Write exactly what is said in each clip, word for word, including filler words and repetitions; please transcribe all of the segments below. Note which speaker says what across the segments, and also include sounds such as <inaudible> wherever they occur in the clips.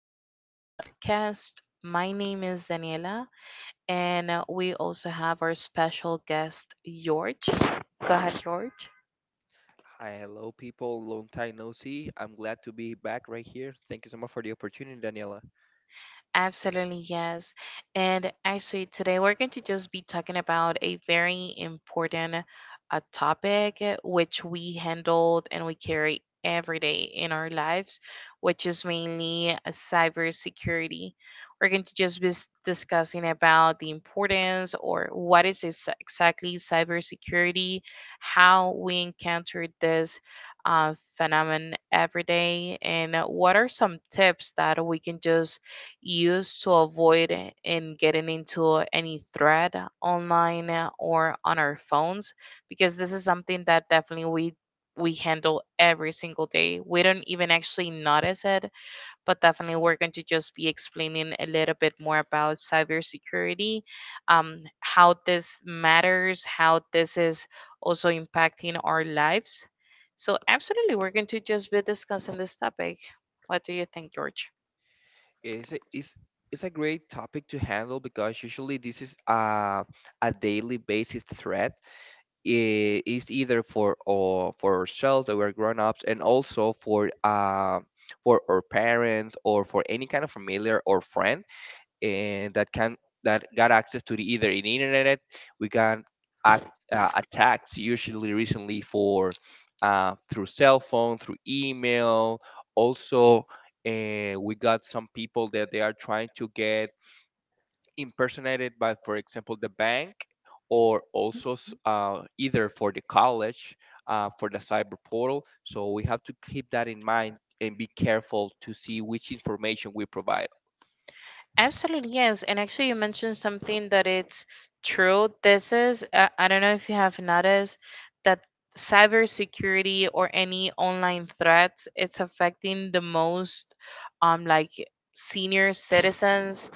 Speaker 1: to our podcast. My name is Daniela, and uh, we also have our special guest, George. Go ahead, George.
Speaker 2: Hi, hello, people. Long time no see. I'm glad to be back right here. Thank you so much for the opportunity, Daniela.
Speaker 1: Absolutely, yes. And actually, today we're going to just be talking about a very important uh, topic uh, which we handled and we carry every day in our lives, which is mainly uh, cybersecurity. We're going to just be s- discussing about the importance or what is ex- exactly cybersecurity, how we encounter this uh, phenomenon every day, and uh, what are some tips that we can just used to avoid and getting into any threat online uh, or on our phones because this is something that definitely we we handle every single day. We don't even actually notice it, but definitely we're going to just be explaining a little bit more about cybersecurity, um, how this matters, how this is also impacting our lives. So absolutely, we're going to just be discussing this topic. What do you think, George?
Speaker 2: It's a, it's, it's a great topic to handle because usually this is a, a daily basis threat. I- It's either for or for ourselves that we're grown ups, and also for uh, for our parents or for any kind of familiar or friend, and that can that got access to the either in internet. We got act, uh, attacks usually recently for uh, through cell phone, through email. Also, uh, we got some people that they are trying to get impersonated by, for example, the bank, or also s- uh, either for the college, uh, for the cyber portal, so we have to keep that in mind and be careful to see which information we provide.
Speaker 1: Absolutely, yes. And actually, you mentioned something that it's true. This is, uh, I don't know if you have noticed that cybersecurity or any online threats, it's affecting the most, um, like senior citizens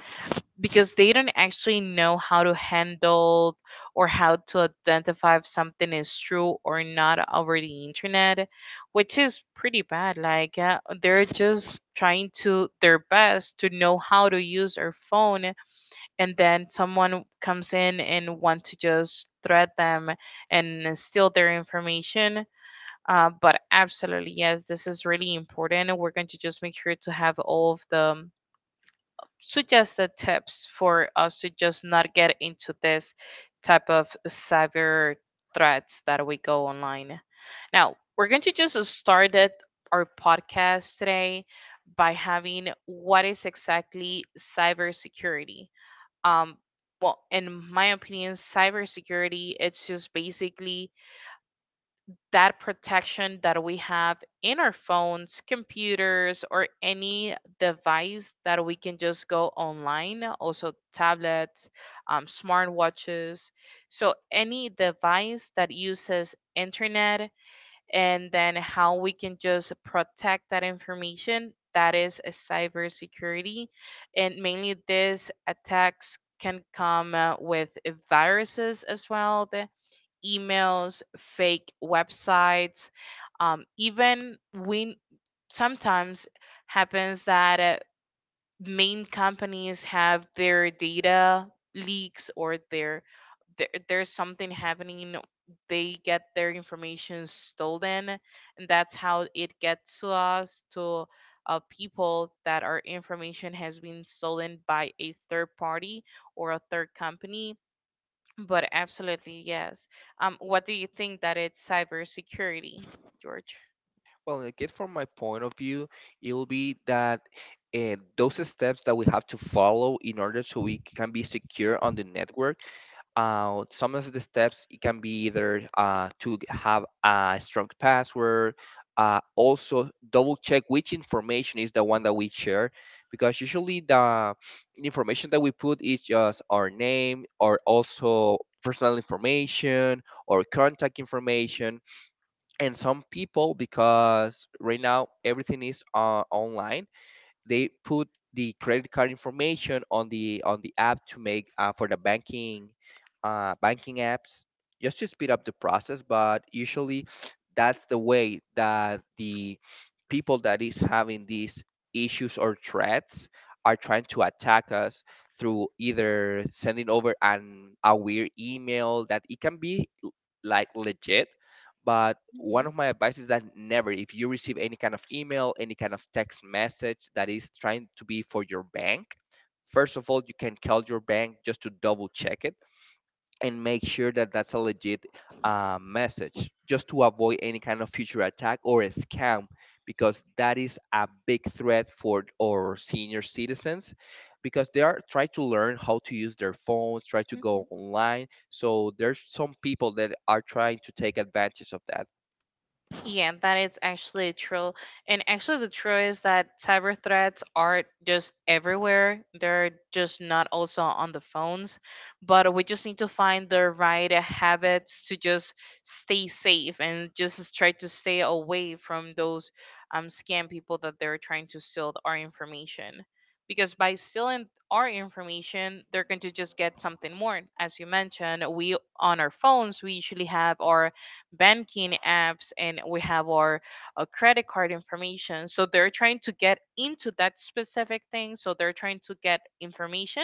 Speaker 1: because they don't actually know how to handle or how to identify if something is true or not over the internet, which is pretty bad. Like, uh, they're just trying to their best to know how to use their phone, and then someone comes in and want to just threat them and steal their information. Uh, but absolutely, yes, this is really important. We're going to just make sure to have all of the suggested tips for us to just not get into this type of cyber threats that we go online. Now, we're going to just start it, our podcast today by having what is exactly cybersecurity. Um, well, in my opinion, cybersecurity it's just basically that protection that we have in our phones, computers, or any device that we can just go online, also tablets, um, smartwatches. So, any device that uses internet and then how we can just protect that information, that is a cybersecurity. And mainly these attacks can come uh, with viruses as well. The- emails, fake websites. Um, even we sometimes happens that uh, main companies have their data leaks or their there, there's something happening. They get their information stolen, and that's how it gets to us to uh, people that our information has been stolen by a third party or a third company. But absolutely, yes. Um, what do you think that it's cybersecurity, George?
Speaker 2: Well, I guess from my point of view, it will be that uh, those steps that we have to follow in order so we can be secure on the network. Uh, some of the steps, it can be either uh, to have a strong password. Uh, also, double check which information is the one that we share, because usually the information that we put is just our name, or also personal information or contact information. And some people, because right now everything is uh, online, they put the credit card information on the on the app, to make uh, for the banking uh, banking apps, just to speed up the process. But usually that's the way that the people that is having these issues or threats are trying to attack us, through either sending over an a weird email that it can be like legit. But
Speaker 1: Mm-hmm.
Speaker 2: one of my advice is that never, if you receive any kind of email, any kind of text message, that is trying to be for your bank, first of all, you can call your bank just to double check it and make sure that that's a legit uh, message, just to avoid any kind of future attack or a scam, because that is a big threat for our senior citizens, because they are trying to learn how to use their phones, try to go online, so there's some people that are trying to take advantage of that.
Speaker 1: Yeah, that is actually true. And actually, the truth is that cyber threats are just everywhere. They're just not also on the phones. But we just need to find the right habits to just stay safe and just try to stay away from those um, scam people that they're trying to steal our information. Because by stealing our information, they're going to just get something more. As you mentioned, we on our phones, we usually have our banking apps and we have our uh, credit card information. So they're trying to get into that specific thing. So they're trying to get information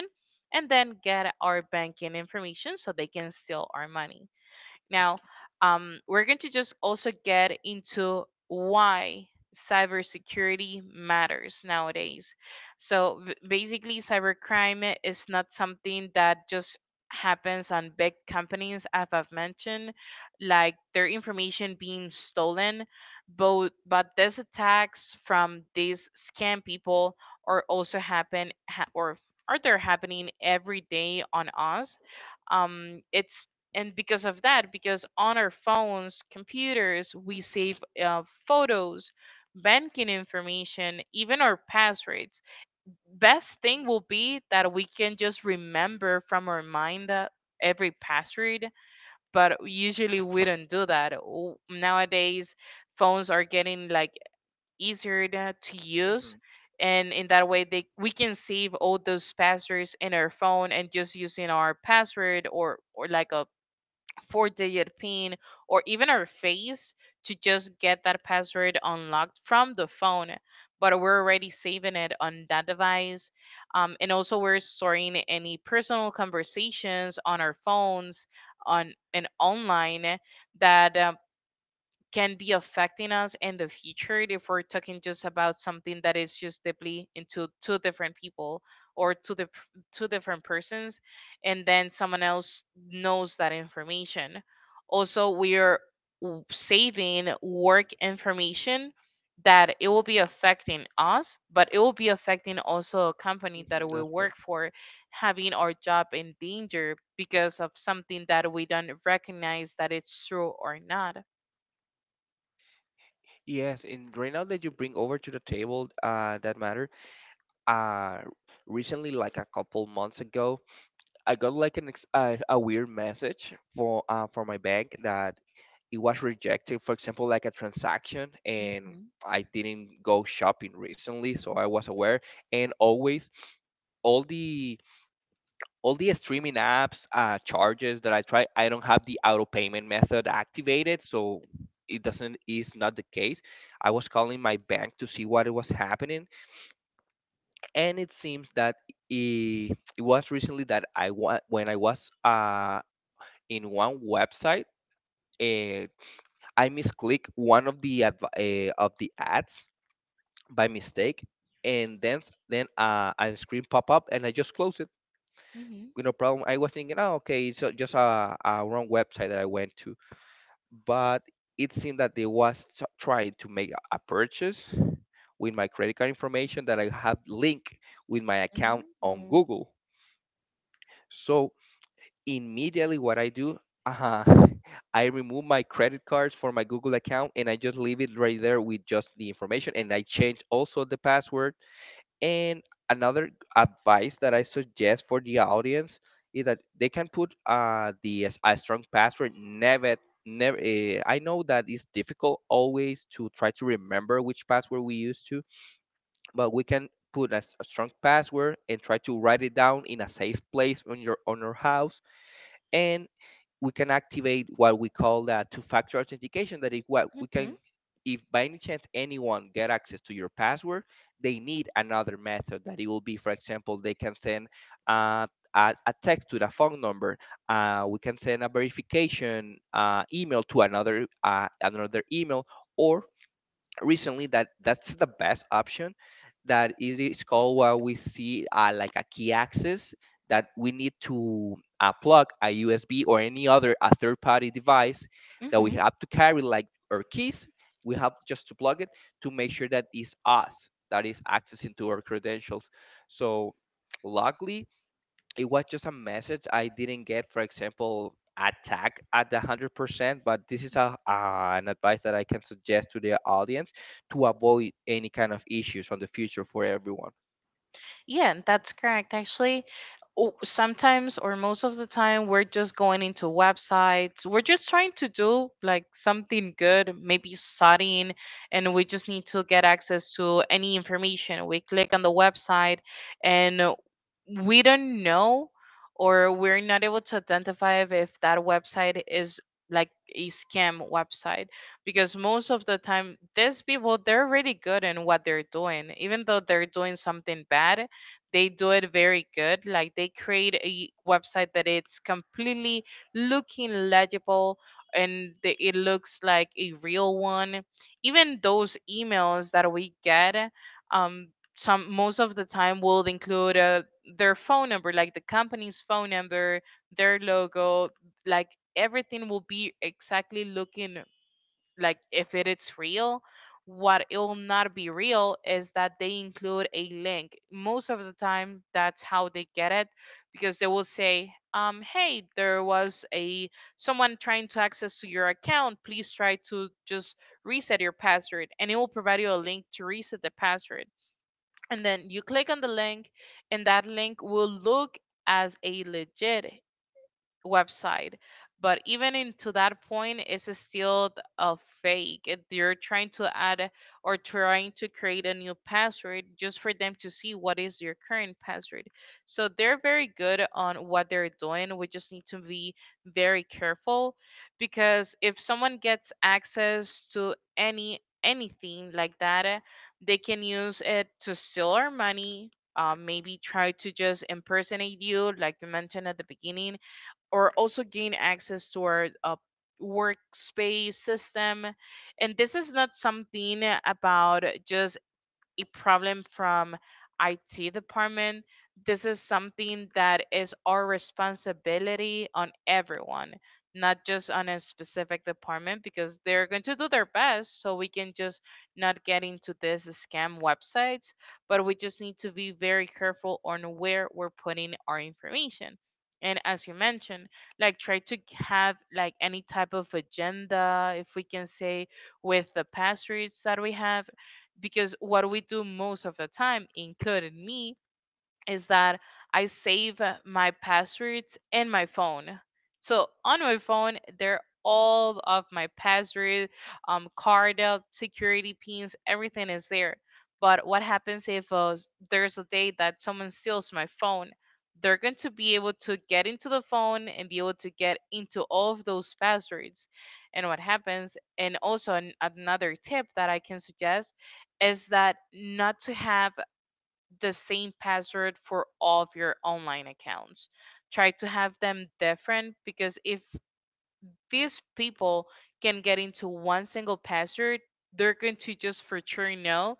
Speaker 1: and then get our banking information so they can steal our money. Now, um, we're going to just also get into why cybersecurity matters nowadays. So b- basically, cybercrime is not something that just happens on big companies, as I've mentioned, like their information being stolen. But, but these attacks from these scam people are also happen ha- or are they happening every day on us. Um, it's and Because of that, because on our phones, computers, we save uh, photos, banking information, even our passwords. Best thing will be that we can just remember from our mind uh, every password, but usually we don't do that. W- nowadays phones are getting like easier to to use,
Speaker 2: Hmm.
Speaker 1: and in that way they we can save all those passwords in our phone and just using our password, or or like a four digit PIN, or even our face to just get that password unlocked from the phone. But we're already saving it on that device. Um, and also, we're storing any personal conversations on our phones on and online that uh, can be affecting us in the future if we're talking just about something that is just deeply into two different people or two the two different persons, and then someone else knows that information. Also, we are w- saving work information that it will be affecting us, but it will be affecting also a company
Speaker 2: Hmm.
Speaker 1: that we
Speaker 2: That's right.
Speaker 1: work for, having our job in danger because of something that we don't recognize that it's true or not.
Speaker 2: Yes, and right now that you bring over to the table, uh, that matter. Uh, Recently, like a couple months ago, I got like an ex- uh, a weird message for uh, for my bank, that it was rejected. For example, like a transaction, and I didn't go shopping recently, so I was aware. And always, all the all the streaming apps uh, charges that I try, I don't have the auto payment method activated, so it doesn't, is not the case. I was calling my bank to see what was happening, and it seems that it, it was recently that, I wa- when I was uh in one website. Uh, I misclick one of the adv- uh, of the ads by mistake, and then s- then uh, a screen pop up, and I just close it.
Speaker 1: Mhm.
Speaker 2: You know, problem. I was thinking, oh, okay, it's uh, just a, a wrong website that I went to, but it seemed that they was t- trying to make a a purchase with my credit card information that I have linked with my account on
Speaker 1: Mhm.
Speaker 2: Google. So immediately what I do, uh, <laughs> I remove my credit cards for my Google account, and I just leave it right there with just the information, and I change also the password. And another advice that I suggest for the audience is that they can put uh, the s- a strong password. Never, never uh, I know that it's difficult, always to try to remember which password we used to, but we can put a, s- a strong password and try to write it down in a safe place on your on your house. And we can activate what we call the two-factor authentication. That if what we
Speaker 1: Mhm.
Speaker 2: can, if by any chance anyone get access to your password, they need another method. That it will be, for example, they can send uh, a, a text to the phone number. Uh, we can send a verification uh, email to another uh, another email, or recently, that that's the best option that it is called, where we see uh, like a key access that we need to uh, plug a U S B or any other a third party device, that we
Speaker 1: Mhm.
Speaker 2: have to carry like our keys. We have just to plug it to make sure that it's us that is accessing to our credentials. So luckily, it was just a message, I didn't get, for example, attack at the hundred percent. But this is a uh, an advice that I can suggest to the audience to avoid any kind of issues on the future for everyone.
Speaker 1: Yeah, that's correct. Actually, o- sometimes or most of the time, we're just going into websites. We're just trying to do like something good, maybe studying, and we just need to get access to any information. We click on the website, and we don't know or we're not able to identify if if that website is like a scam website, because most of the time these people they're really good in what they're doing. Even though they're doing something bad, they do it very good. Like, they create a website that it's completely looking legible, and the, it looks like a real one. Even those emails that we get, um some most of the time will include uh, their phone number, like the company's phone number, their logo, like everything will be exactly looking like if it is real. What it will not be real is that they include a link most of the time. That's how they get it, because they will say, um, hey, there was a someone trying to access to your account, please try to just reset your password, and it will provide you a link to reset the password. And then you click on the link, and that link will look as a legit website. But even into that point, it's still a fake. If you're trying to add or trying to create a new password just for them to see what is your current password. So they're very good on what they're doing. We just need to be very careful, because if someone gets access to any anything like that, they can use it to steal our money. Um, maybe try to just impersonate you, like you mentioned at the beginning, or also gain access to our uh, workspace system. And this is not something about just a problem from I T department. This is something that is our responsibility on everyone, not just on a specific department, because they're going to do their best so we can just not get into this scam websites, but we just need to be very careful on where we're putting our information. And as you mentioned, like, try to have like any type of agenda, if we can say, with the passwords that we have, because what we do most of the time, including me, is that I save my passwords in my phone. So on my phone, there are all of my password, um, card up, security pins, everything is there. But what happens if uh, s- there's a day that someone steals my phone? They're going to be able to get into the phone and be able to get into all of those passwords. And what happens, and also an, another tip that I can suggest is that not to have the same password for all of your online accounts. Try to have them different, because if these people can get into one single password, they're going to just for sure know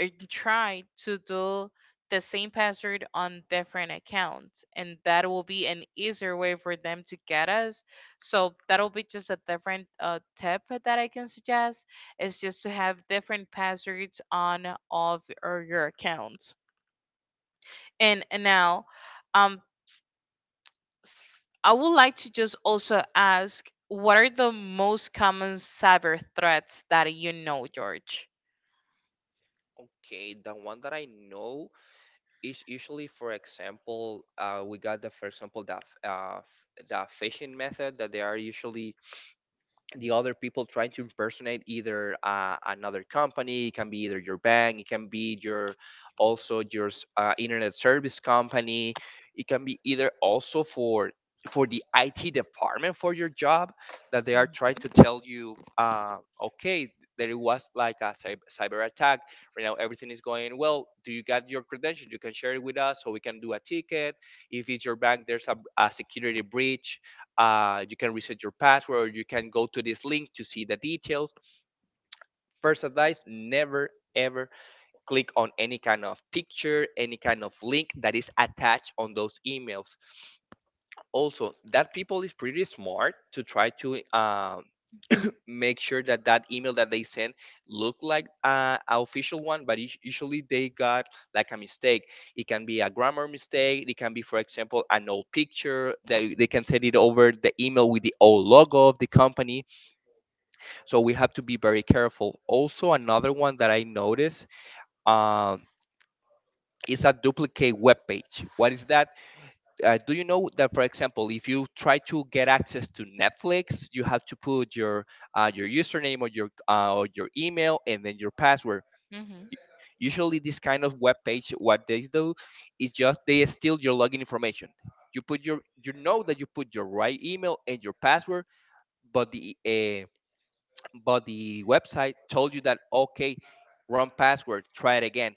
Speaker 1: or try to do the same password on different accounts. And that will be an easier way for them to get us. So that'll be just a different uh, tip that I can suggest is just to have different passwords on all of or your accounts. And and now, um, s- I would like to just also ask, what are the most common cyber threats that you know, George?
Speaker 2: Okay, the one that I know is usually, for example, uh, we got the, for example, the f- uh, f- the phishing method, that they are usually the other people trying to impersonate either uh, another company. It can be either your bank, it can be your, also your s- uh, internet service company. It can be either also for for the I T department for your job, that they are trying
Speaker 1: Mm-hmm.
Speaker 2: to tell you, uh, okay, that it was like a cyber, cyber attack. Right now everything is going well, do you got your credentials, you can share it with us so we can do a ticket. If it's your bank, there's a, a security breach, uh, you can reset your password, or you can go to this link to see the details. First advice, never ever click on any kind of picture, any kind of link that is attached on those emails. Also, that people is pretty smart to try to um, make sure that that email that they send look like uh, a official one, but us- usually they got like a mistake. It can be a grammar mistake, it can be, for example, an old picture, they, they can send it over the email with the old logo of the company. So we have to be very careful. Also, another one that I noticed, um, is a duplicate web page. What is that? Uh, do you know that, for example, if you try to get access to Netflix, you have to put your, uh, your username, or your, uh, or your email, and then your password. U-
Speaker 1: Hmm.
Speaker 2: Usually this kind of web page, what they do is just they steal your login information. You put your you know that you put your right email and your password, but the uh, but the website told you that, okay, wrong password, try it again.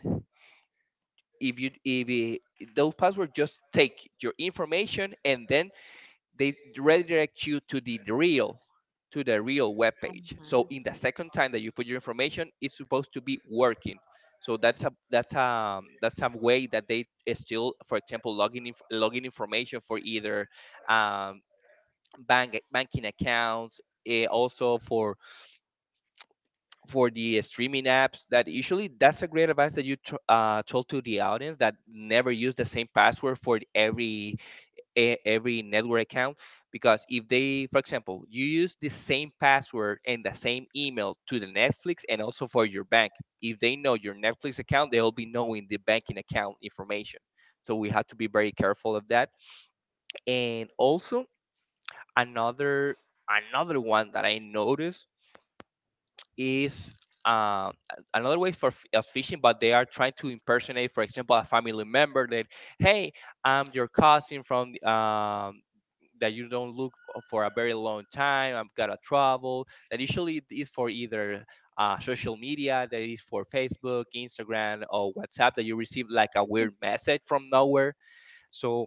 Speaker 2: If you if it, Those passwords just take your information, and then they redirect you to the real, to the real web page. So in the second time that you put your information, it's supposed to be working. So that's a that's um that's some way that they is still, for example, logging inf- logging information, for either, um bank banking accounts, eh, also for for the streaming apps. That usually, that's a great advice that you t- uh, told to the audience, that never use the same password for every e- every network account, because if they, for example, you use the same password and the same email to the Netflix and also for your bank. If they know your Netflix account, they'll be knowing the banking account information, so we have to be very careful of that. And also another another one that I noticed is um, a- another way for f- of phishing, but they are trying to impersonate, for example, a family member. That, hey, I'm your cousin from, um that you don't look for a very long time. I've got to travel. That usually is for either uh, social media, that is for Facebook, Instagram, or WhatsApp, that you receive like a weird message from nowhere. So,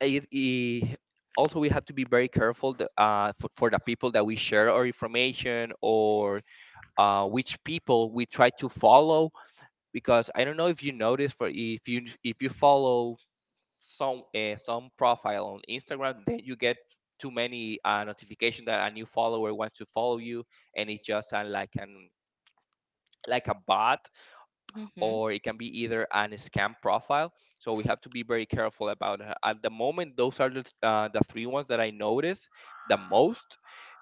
Speaker 2: it, it also we have to be very careful th- uh, for, for the people that we share our information, or uh, which people we try to follow. Because I don't know if you notice, for if you if you follow some uh, some profile on Instagram, then you get too many uh, notification that a new follower wants to follow you, and it just sound like an like a bot, or it can be either an scam profile. So we have to be very careful about it. At the moment, those are the, uh, the three ones that I notice the most,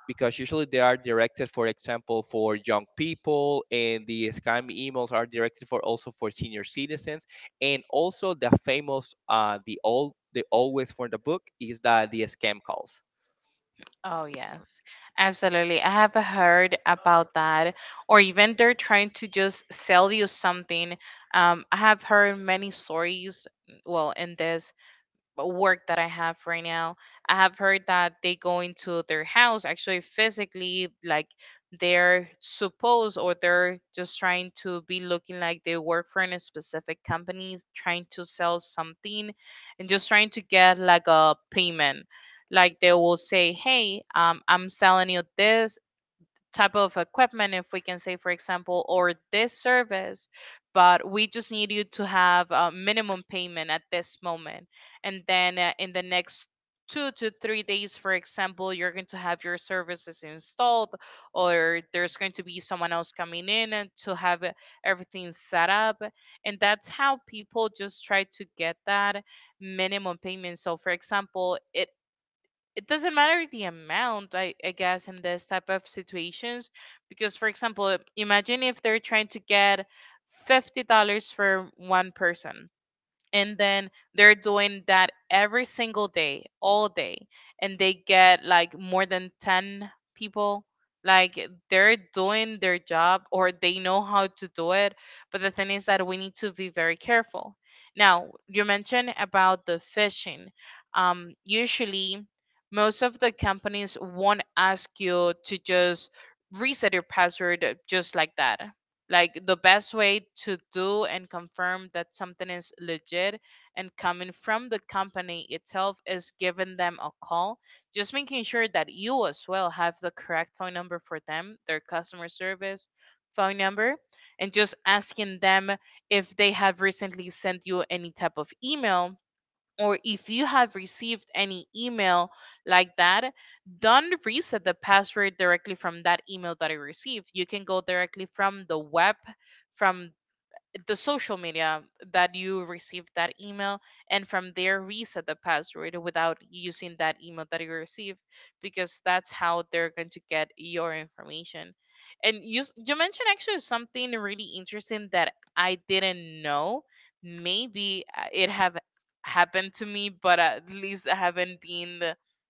Speaker 2: because usually they are directed, for example, for young people, and the scam emails are directed for also for senior citizens. And also the famous, uh, the all, the always for the book is that the scam calls.
Speaker 1: Oh, yes, absolutely. I have heard about that, or even they're trying to just sell you something. Um, I have heard many stories, well, in this work that I have right now, I have heard that they go into their house actually physically, like they're supposed or they're just trying to be looking like they work for in a specific company, trying to sell something, and just trying to get like a payment. Like they will say, "Hey, um, I'm selling you this type of equipment, if we can say, for example, or this service, but we just need you to have a minimum payment at this moment. And then uh, in the next two to three days, for example, you're going to have your services installed, or there's going to be someone else coming in and to have uh, everything set up. And that's how people just try to get that minimum payment. So, for example, it it doesn't matter the amount, I, I guess, in this type of situations, because, for example, imagine if they're trying to get fifty dollars for one person, and then they're doing that every single day, all day, and they get like more than ten people. Like, they're doing their job, or they know how to do it, but the thing is that we need to be very careful. Now, you mentioned about the phishing. Um, usually, most of the companies won't ask you to just reset your password uh, just like that. Like, the best way to do and confirm that something is legit and coming from the company itself is giving them a call, just making sure that you as well have the correct phone number for them, their customer service phone number, and just asking them if they have recently sent you any type of email, or if you have received any email like that. Don't reset the password directly from that email that you received. You can go directly from the web, from the social media that you received that email, and from there reset the password without using that email that you received, because that's how they're going to get your information. And you s- you mentioned actually something really interesting that I didn't know. Maybe uh, it have happened to me, but at least I haven't been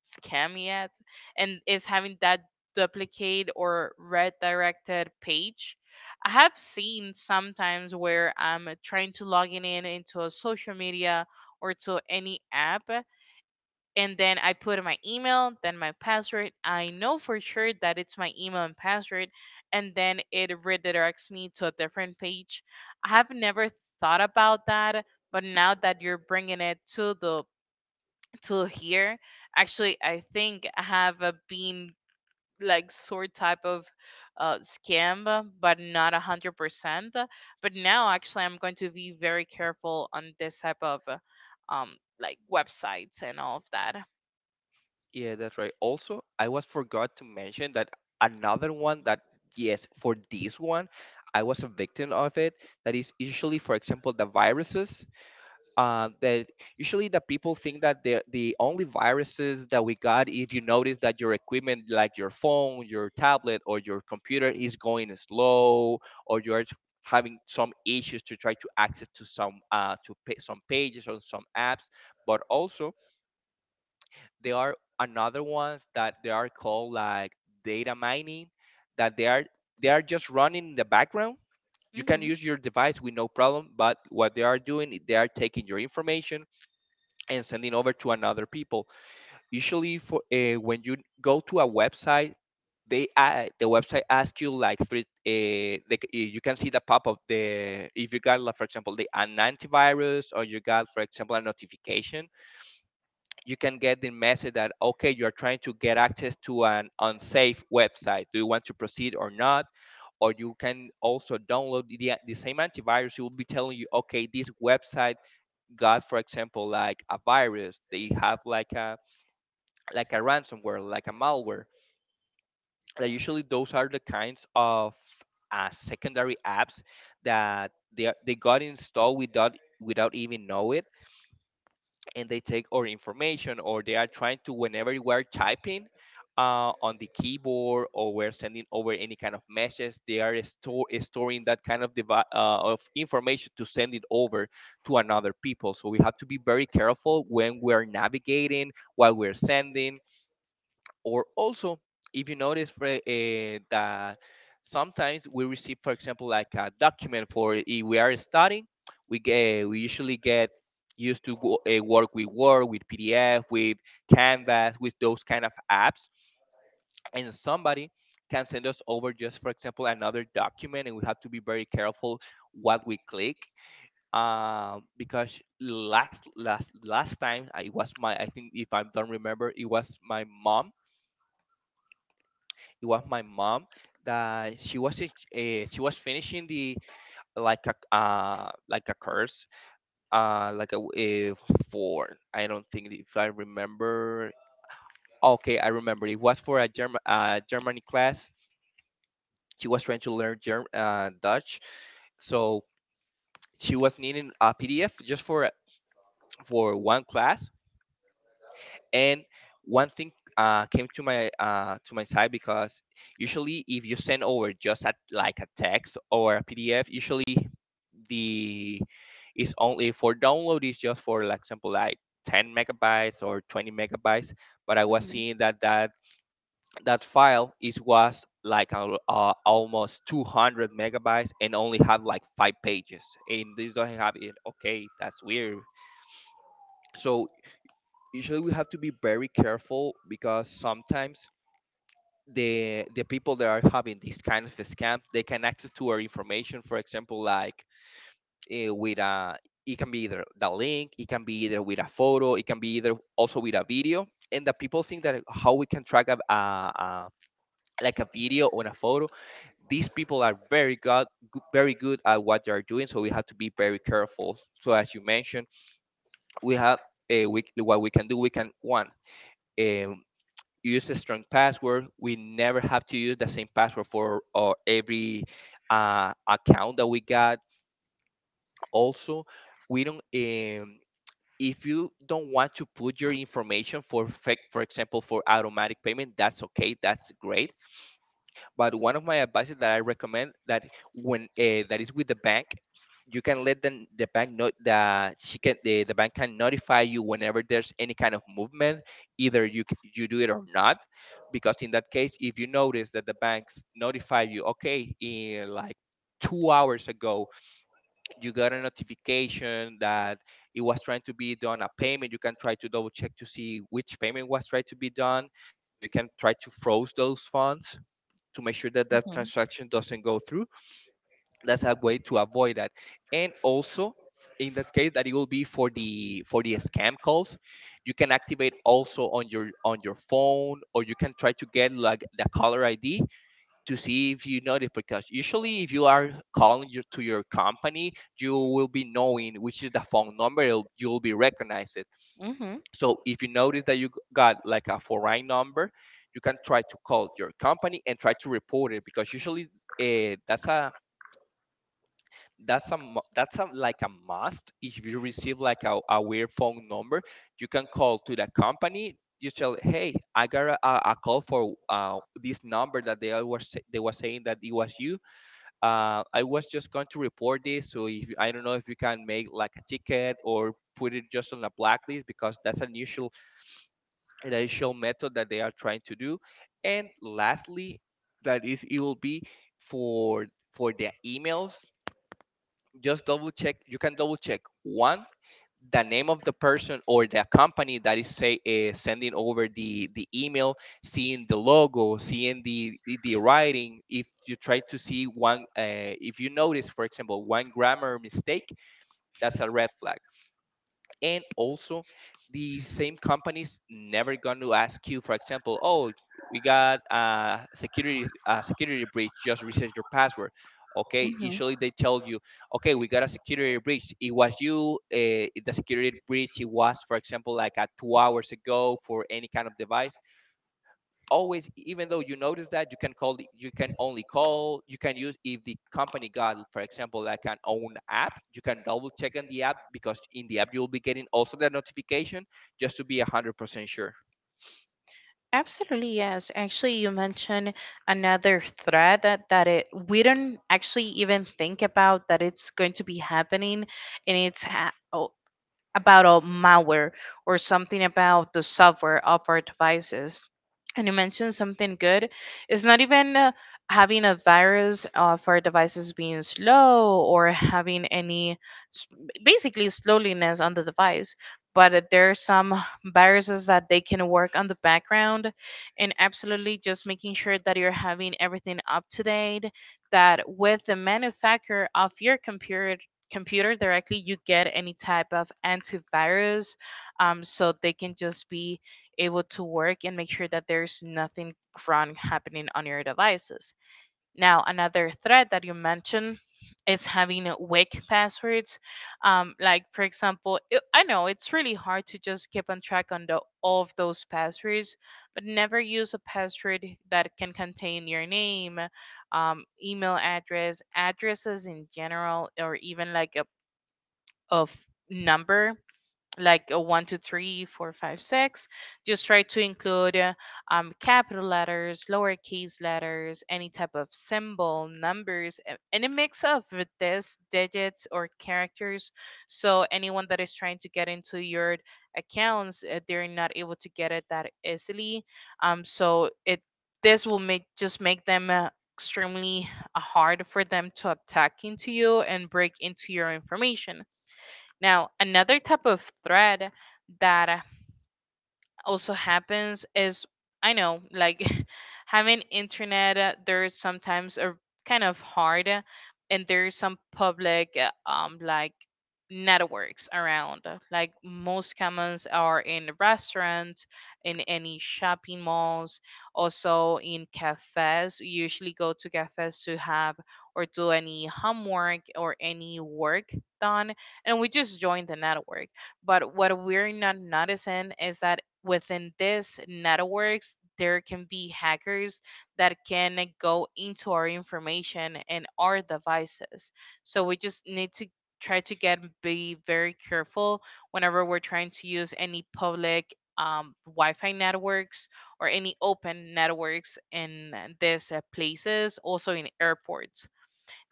Speaker 1: scammed yet. And is having that duplicate or redirected page. I have seen sometimes where I'm trying to log in in- into a social media or to any app, and then I put in my email, then my password. I know for sure that it's my email and password, and then it redirects me to a different page. I have never thought about that, but now that you're bringing it to the to here, actually, I think I have uh, been like sort type of uh, scam, uh, but not a hundred percent. But now actually, I'm going to be very careful on this type of uh, um like websites and all of that.
Speaker 2: Yeah, that's right. Also, I was forgot to mention that another one that yes, for this one, I was a victim of it. That is usually, for example, the viruses. Uh, that usually, the people think that the the only viruses that we got, if you notice that your equipment like your phone, your tablet, or your computer is going slow, or you're having some issues to try to access to some uh to pay, some pages or some apps. But also there are another ones that they are called like data mining, that they are they are just running in the background. You can
Speaker 1: Mhm.
Speaker 2: use your device with no problem, but what they are doing is they are taking your information and sending over to another people. Usually for uh, when you go to a website, they uh, the website asks you like three uh, like uh, you can see the pop of the, if you got like for example the an antivirus, or you got for example a notification, you can get the message that okay, you're trying to get access to an unsafe website, do you want to proceed or not. Or you can also download the, the same antivirus. It will be telling you okay, this website got for example like a virus, they have like a like a ransomware, like a malware. Like, usually those are the kinds of uh, secondary apps that they, they got installed without without even know it. And they take our information, or they are trying to whenever we're typing uh, on the keyboard or we're sending over any kind of messages, they are store, storing that kind of devi- uh, of information to send it over to another people. So we have to be very careful when we're navigating, while we're sending. Or also, if you notice for, uh, that sometimes we receive for example like a document, for if we are studying, we get we usually get used to go, uh, work with word, with pdf, with canvas, with those kind of apps. And somebody can send us over just for example another document, and we have to be very careful what we click, um, because last last last time I- it was my, I think if I don't remember, it was my mom. it was my mom that she was uh, she was finishing the like a uh, like a course, uh like a, w- uh for I don't think if I remember. Okay, I remember it was for a German uh Germany class. She was trying to learn Germ- uh, Dutch. So she was needing a P D F just for for one class. And one thing uh, came to my uh, to my side, because usually if you send over just a, like a text or a P D F, usually the is only for download, is just for like example like ten megabytes or twenty megabytes. But I was
Speaker 1: Mm-hmm.
Speaker 2: seeing that that that file is was like al- uh, almost two hundred megabytes and only have like five pages. And this doesn't have it, okay, that's weird. So usually we have to be very careful, because sometimes the the people that are having this kind of scam, they can access to our information, for example like uh, with a, it can be either the link, it can be either with a photo, it can be either also with a video. And the people think that how we can track a, a, a like a video or a photo. These people are very good, very good at what they are doing, so we have to be very careful. So as you mentioned, we have uh, we, what we can do, we can one. Um, Use a strong password. We never have to use the same password for uh, every uh, account that we got. Also, we don't. Um, if you don't want to put your information for, fec- for example, for automatic payment, that's okay. That's great. But one of my advices that I recommend, that when uh, that is with the bank, you can let the the bank know that she can, the, the bank can notify you whenever there's any kind of movement, either you c- you do it or not. Because in that case, if you notice that the banks notify you, okay, in like two hours ago, you got a notification that it was trying to be done a payment. You can try to double check to see which payment was tried to be done, so you can try to froze those funds to make sure that that transaction doesn't go through. That's a way to avoid that. And also, in that case, that it will be for the for the scam calls, you can activate also on your on your phone, or you can try to get like the caller I D to see if you notice. Because usually, if you are calling your, to your company, you will be knowing which is the phone number. It'll, you will be recognized. It.
Speaker 1: Mm-hmm.
Speaker 2: So if you notice that you g- got like a foreign number, you can try to call your company and try to report it, because usually uh, that's a that's a mu- that's a, like a must. If you receive like a, a weird phone number, you can call to the company. You tell, hey, I got a, a a call for uh, this number that they was they were saying that it was you. Uh, I was just going to report this, so if I don't know if you can make like a ticket, or put it just on a blacklist, because that's unusual initial method that they are trying to do. And lastly, that is, it will be for for their emails, just double check. You can double check one, the name of the person or the company that is say uh, sending over the the email, seeing the logo, seeing the the the writing. If you try to see one, uh, if you notice for example one grammar mistake, that's a red flag. And also, the same companies never going to ask you, for example, oh, we got a security a security breach, just reset your password. Okay,
Speaker 1: Mm-hmm.
Speaker 2: usually they tell you okay, we got a security breach, it was you, uh, the security breach it was for example like a two hours ago, for any kind of device. Always, even though you notice that, you can call the- you can only call, you can use, if the company got for example like an own app, you can double check on the app, because in the app you will be getting also the notification, just to be one hundred percent sure.
Speaker 1: Absolutely, yes. Actually, you mentioned another threat that, that it we don't actually even think about that it's going to be happening, and it's ha o- about a malware or something about the software of our devices. And you mentioned something good. It's not even uh, having a virus uh, for devices being slow or having any s- basically slowliness on the device, but uh, there are some viruses that they can work on the background. And absolutely, just making sure that you're having everything up to date, that with the manufacturer of your computer computer directly you get any type of antivirus, um, so they can just be able to work and make sure that there's nothing wrong happening on your devices. Now, another threat that you mentioned is having weak passwords. Um, like, for example, it, I know it's really hard to just keep on track on the all of those passwords, but never use a password that can contain your name, um, email address, addresses in general, or even like a of number, like a one, two, three, four, five, six. Just try to include uh, um, capital letters, lowercase letters, any type of symbol, numbers, a- any mix of with this digits or characters. So anyone that is trying to get into your accounts, uh, they're not able to get it that easily. Um, so it This will make just make them uh, extremely uh, hard for them to attack into you and break into your information. Now, another type of thread that also happens is, I know, like, <laughs> having internet, uh, there's sometimes a kind of hard, uh, and there's some public uh, um like networks around, uh, like, most commons are in restaurants, in any shopping malls, also in cafes. You usually go to cafes to have or do any homework or any work done, and we just join the network. But what we're not noticing is that within these networks, there can be hackers that can go into our information and our devices. So we just need to try to get be very careful whenever we're trying to use any public um, Wi-Fi networks or any open networks in these uh, places, also in airports.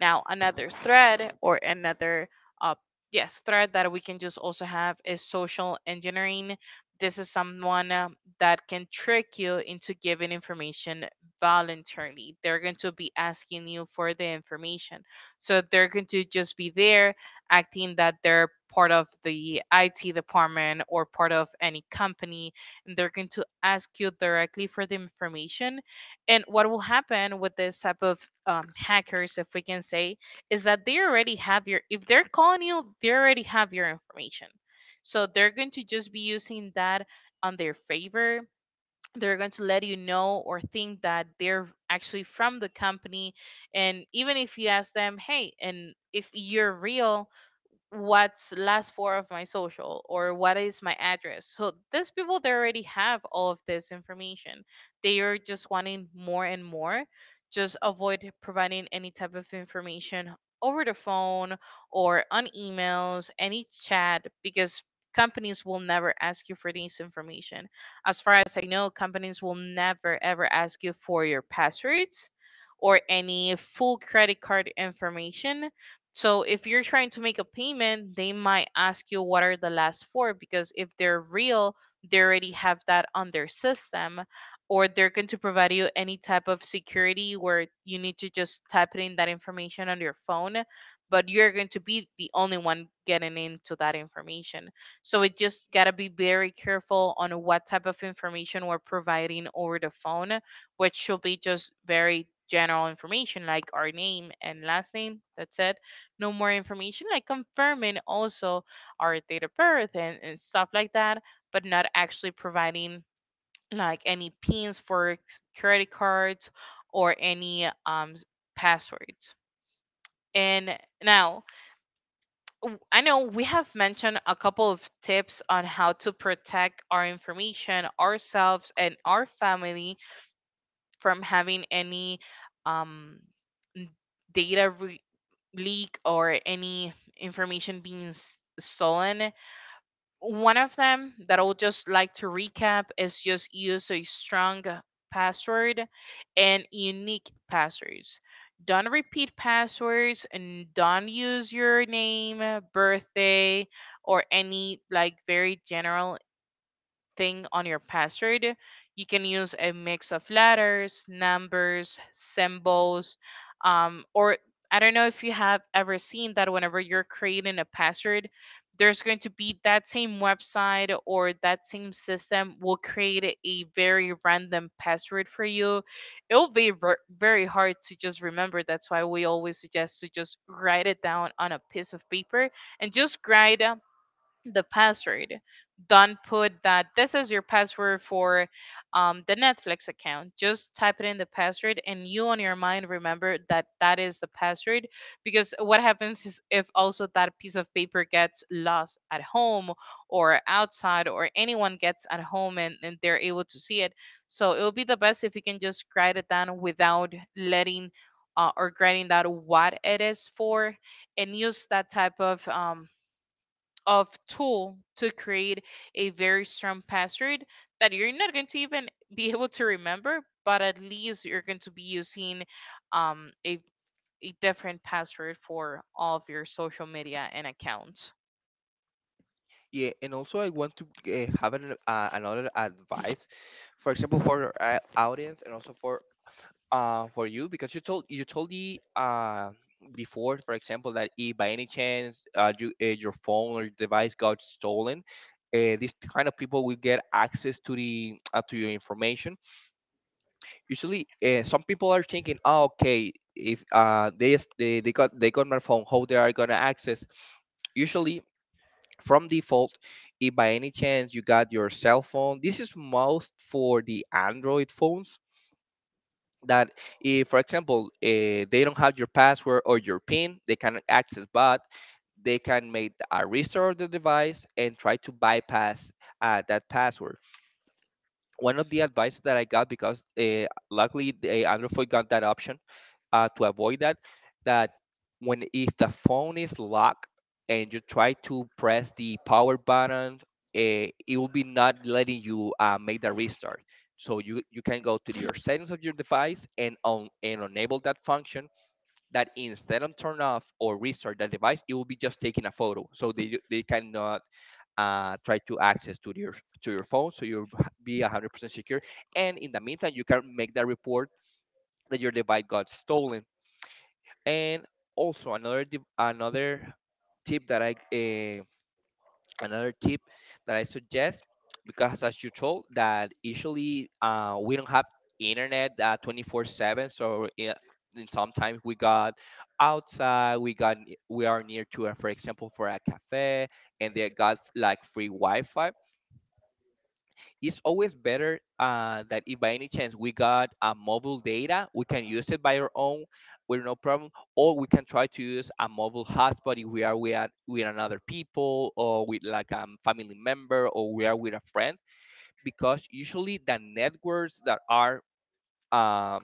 Speaker 1: Now, another thread or another, uh, yes, thread that we can just also have is social engineering. This is someone uh, that can trick you into giving information voluntarily. They're going to be asking you for the information. So they're going to just be there acting that they're part of the I T department or part of any company, and they're going to ask you directly for the information. And what will happen with this type of um, hackers, if we can say, is that they already have your, if they're calling you, they already have your information. So they're going to just be using that on their favor. They're going to let you know or think that they're actually from the company. And even if you ask them, hey, and if you're real, what's last four of my social, or what is my address? So these people, they already have all of this information. They are just wanting more and more. Just avoid providing any type of information over the phone or on emails, any chat, because companies will never ask you for this information. As far as I know, companies will never ever ask you for your passwords or any full credit card information. So if you're trying to make a payment, they might ask you what are the last four, because if they're real, they already have that on their system, or they're going to provide you any type of security where you need to just type in that information on your phone, but you're going to be the only one getting into that information. So it just got to be very careful on what type of information we're providing over the phone, which should be just very general information like our name and last name. That's it. No more information, like confirming also our date of birth and, and stuff like that, but not actually providing like any pins for s- credit cards or any um s- passwords. And now, w- I know we have mentioned a couple of tips on how to protect our information, ourselves, and our family from having any um, n- data leak or any information being s- stolen. One of them that I will just like to recap is just use a strong password and unique passwords. Don't repeat passwords, and don't use your name, birthday, or any like very general thing on your password. You can use a mix of letters, numbers, symbols, um, or I don't know if you have ever seen that whenever you're creating a password, there's going to be that same website or that same system will create a very random password for you. It'll be ver- very hard to just remember. That's why we always suggest to just write it down on a piece of paper and just write uh, the password. Don't put that this is your password for um, the Netflix account. Just type it in the password, and you on your mind remember that that is the password. Because what happens is if also that piece of paper gets lost at home or outside, or anyone gets at home and, and they're able to see it. So it would be the best if you can just write it down without letting uh, or writing down what it is for, and use that type of um, of tool to create a very strong password that you're not going to even be able to remember, but at least you're going to be using um, a, a different password for all of your social media and accounts.
Speaker 2: Yeah, and also I want to uh, have an, uh, another advice, for example for our uh, audience and also for uh, for you, because you told you told me uh, before, for example, that if by any chance uh, you, uh, your phone or device got stolen, uh, these kind of people will get access to the uh, to your information. Usually, uh, some people are thinking, oh, okay, if uh, they, s- they they got, they got my phone, how they are gonna access? Usually, from default, if by any chance you got your cell phone, this is most for the Android phones, that if for example uh, they don't have your password or your pin, they can access bot, they can make a restore of the device and try to bypass uh, that password. One of the advice that I got, because uh, luckily the Android phone got that option uh, to avoid that, that when if the phone is locked and you try to press the power button, eh, it will be not letting you uh, make the restart. So you, you can go to your settings of your device and on and enable that function, that instead of turn off or restart, that device it will be just taking a photo, so they, they cannot uh, try to access to your to your phone, so you'll be one hundred percent secure. And in the meantime, you can make that report that your device got stolen. And also another tip- another tip that I uh, another tip that I suggest, because as you told, that usually uh, we don't have internet uh, twenty-four seven. So yeah, and sometimes we got outside, we got n- we are near to uh, for example for a cafe, and they got like free Wi-Fi. It's always better uh, that if by any chance we got a mobile data, we can use it by our own with no problem, or we can try to use a mobile hotspot if we are with, a- with another people, or with like a family member, or we are with a friend. Because usually the networks that are um,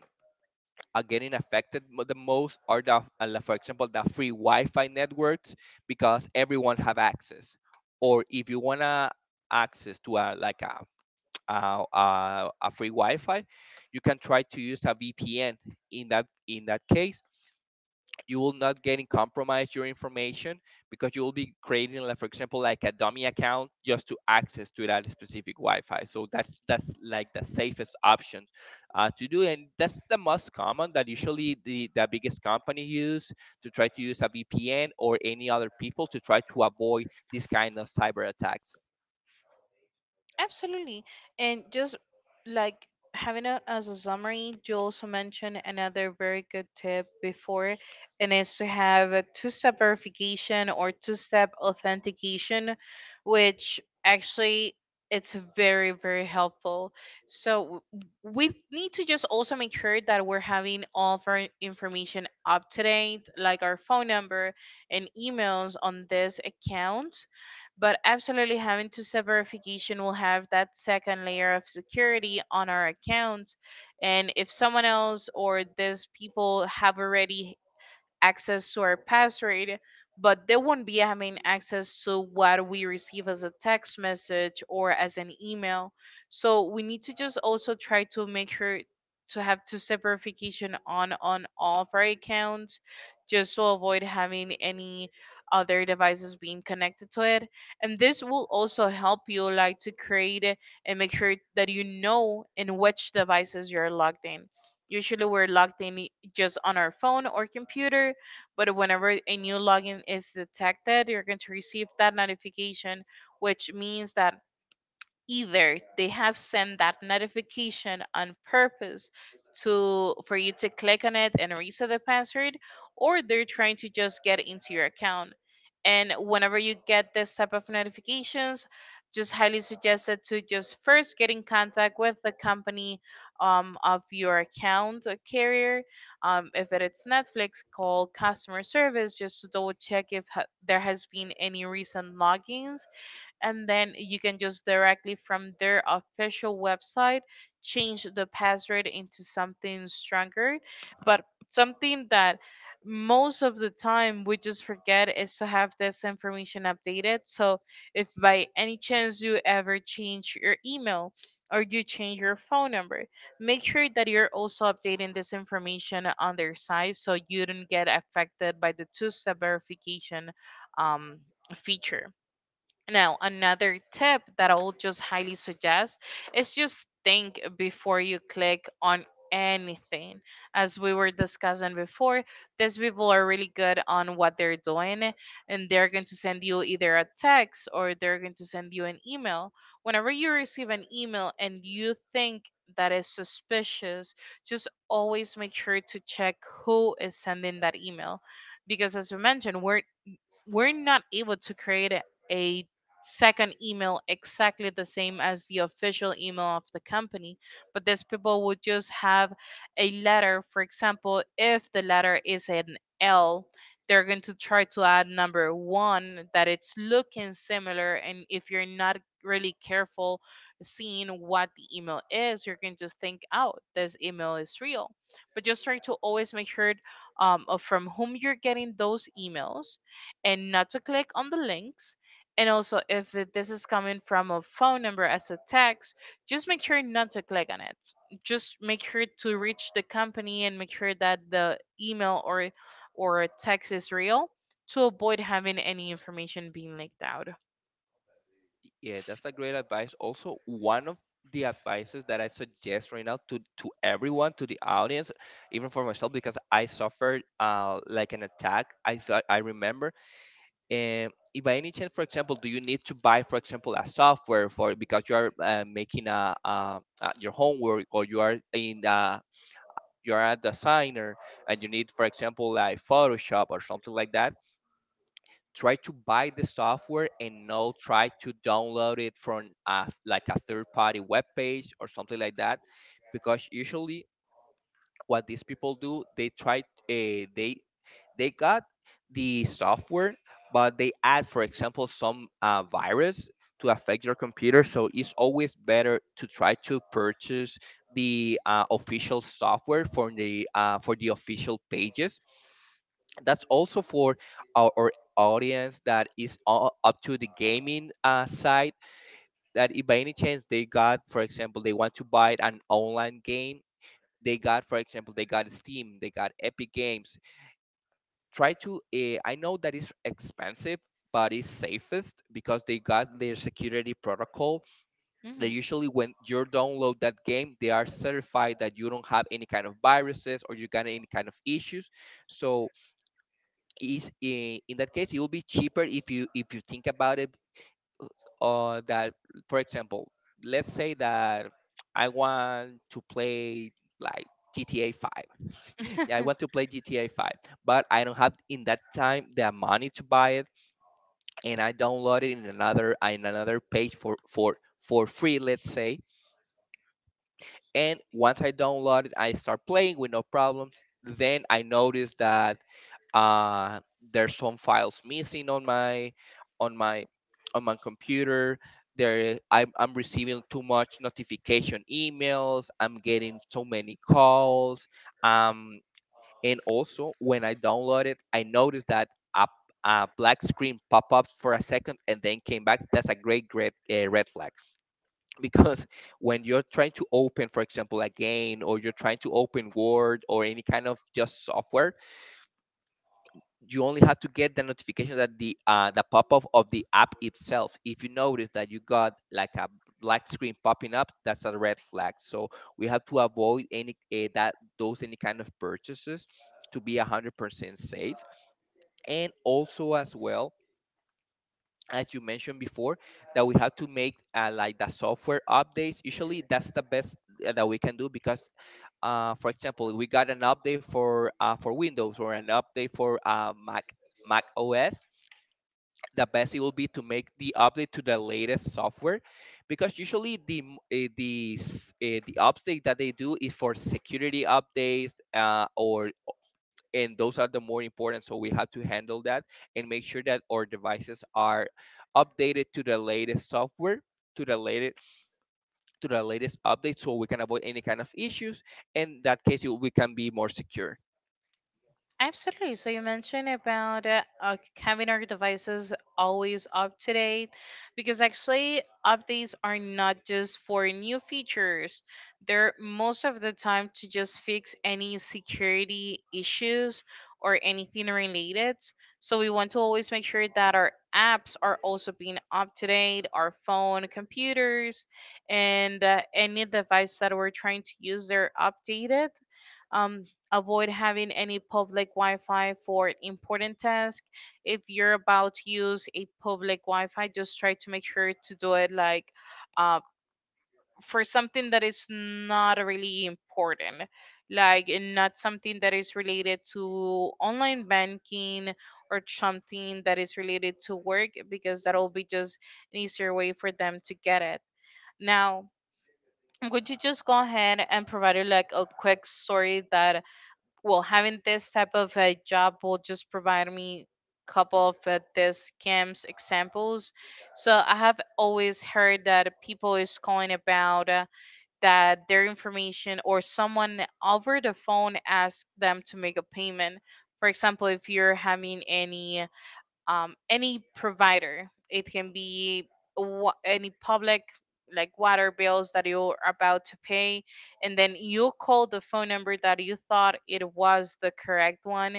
Speaker 2: are getting affected mo- the most are the, uh, like, for example, the free Wi-Fi networks, because everyone have access. Or if you wanna access to a like a uh, uh, a free Wi-Fi, you can try to use a V P N. In that in that case, you will not getting compromised your information because you will be creating, like for example, like a dummy account just to access to that specific Wi-Fi. So that's that's like the safest option uh, to do, and that's the most common that usually the the biggest company use to try to use a V P N or any other people to try to avoid this kind of cyber attacks.
Speaker 1: Absolutely. And just like having it as a summary, you also mentioned another very good tip before, and is to have a two step verification or two step authentication, which actually it's very very helpful. So w- we need to just also make sure that we're having all of our information up to date, like our phone number and emails on this account, but absolutely having two-step verification will have that second layer of security on our account. And if someone else or these people have already access to our password, but they won't be having access to what we receive as a text message or as an email. So we need to just also try to make sure to have two-step verification on on all of our accounts, just to avoid having any other devices being connected to it. And this will also help you like to create a- and make sure that you know in which devices you're logged in. Usually we're logged in just on our phone or computer. But whenever a new login is detected, you're going to receive that notification, which means that either they have sent that notification on purpose to for you to click on it and reset the password, or they're trying to just get into your account. And whenever you get this type of notifications, just highly suggested to just first get in contact with the company um, of your account or carrier. Um, if it is Netflix, call customer service just to double check if ha- there has been any recent logins, and then you can just directly from their official website change the password into something stronger. But something that most of the time we just forget is to have this information updated. So if by any chance you ever change your email or you change your phone number, make sure that you're also updating this information on their site so you don't get affected by the two-step verification um, feature. Now, another tip that I'll just highly suggest is just think before you click on anything. As we were discussing before, these people are really good on what they're doing, and they're going to send you either a text or they're going to send you an email. Whenever you receive an email and you think that is suspicious, just always make sure to check who is sending that email. Because as we mentioned, we're we're not able to create a, a second email exactly the same as the official email of the company, but these people would just have a letter. For example, if the letter is an L, they're going to try to add number one that it's looking similar, and if you're not really careful seeing what the email is, you're going to think, oh, this email is real. But just try to always make sure um, of from whom you're getting those emails and not to click on the links. And also, if it- this is coming from a phone number as a text, just make sure not to click on it. Just make sure to reach the company and make sure that the email or or text is real, to avoid having any information being leaked out.
Speaker 2: Yeah, that's a great advice. Also, one of the advices that I suggest right now to to everyone, to the audience, even for myself, because I suffered uh like an attack. I felt I remember. And if by any chance, for example, do you need to buy, for example, a software for because you are uh, making a, uh uh your homework or you are in uh you are a designer and you need, for example, like Photoshop or something like that, try to buy the software and not try to download it from a, like a third party web page or something like that, because usually what these people do they try uh, they they got the software but they add for example some uh, virus to affect your computer. So it's always better to try to purchase the uh, official software for the uh, for the official pages. That's also for our, our audience that is all up to the gaming uh, side, that if by any chance they got for example they want to buy an online game, they got for example they got Steam, they got Epic Games. Try to uh, I know that is expensive, but it's safest because they got their security protocol. They
Speaker 1: Hmm.
Speaker 2: usually when you download that game they are certified that you don't have any kind of viruses or you got any kind of issues. So is i- in that case it will be cheaper if you if you think about it, uh, that for example, let's say that I want to play like GTA five. <laughs> Yeah, I
Speaker 1: <laughs>
Speaker 2: want to play GTA five, but I don't have in that time the money to buy it, and I download it in another in another page for for for free, let's say. And once I download it I start playing with no problems. Then I notice that uh, there's some files missing on my on my on my computer. There I'm, I'm receiving too much notification emails, I'm getting so many calls, um, and also when I download it I noticed that a, a black screen pop up for a second and then came back. That's a great great uh, red flag, because <laughs> when you're trying to open for example a game or you're trying to open Word or any kind of just software, you only have to get the notification that the uh, the pop-up of the app itself. If you notice that you got like a black screen popping up, that's a red flag. So we have to avoid any uh, that those any kind of purchases to be one hundred percent safe. And also as well, as you mentioned before, that we have to make uh, like the software updates. Usually that's the best uh, that we can do, because uh, for example, we got an update for uh, for Windows or an update for uh, Mac Mac O S. The best it will be to make the update to the latest software, because usually the m- eh, the s- eh, the update that they do is for security updates uh, or and those are the more important, so we have to handle that and make sure that our devices are updated to the latest software, to the latest, to the latest update, so we can avoid any kind of issues. In that case we can be more secure.
Speaker 1: Absolutely. So you mentioned about uh, uh, having our devices always up to date, because actually updates are not just for new features. They're most of the time to just fix any security issues or anything related. So we want to always make sure that our apps are also being up to date, our phone, computers, and uh, any device that we're trying to use, they're updated. Um, Avoid having any public Wi-Fi for important tasks. If you're about to use a public Wi-Fi, just try to make sure to do it like uh, for something that is not really important, like, and not something that is related to online banking or something that is related to work, because that'll be just an easier way for them to get it. Now, would you just go ahead and provide like a quick story that, well, having this type of a job will just provide me a couple of uh, this scams examples. So I have always heard that people is calling about uh, that their information, or someone over the phone asked them to make a payment. For example, if you're having any um, any provider, it can be wa- any public like water bills that you're about to pay, and then you call the phone number that you thought it was the correct one,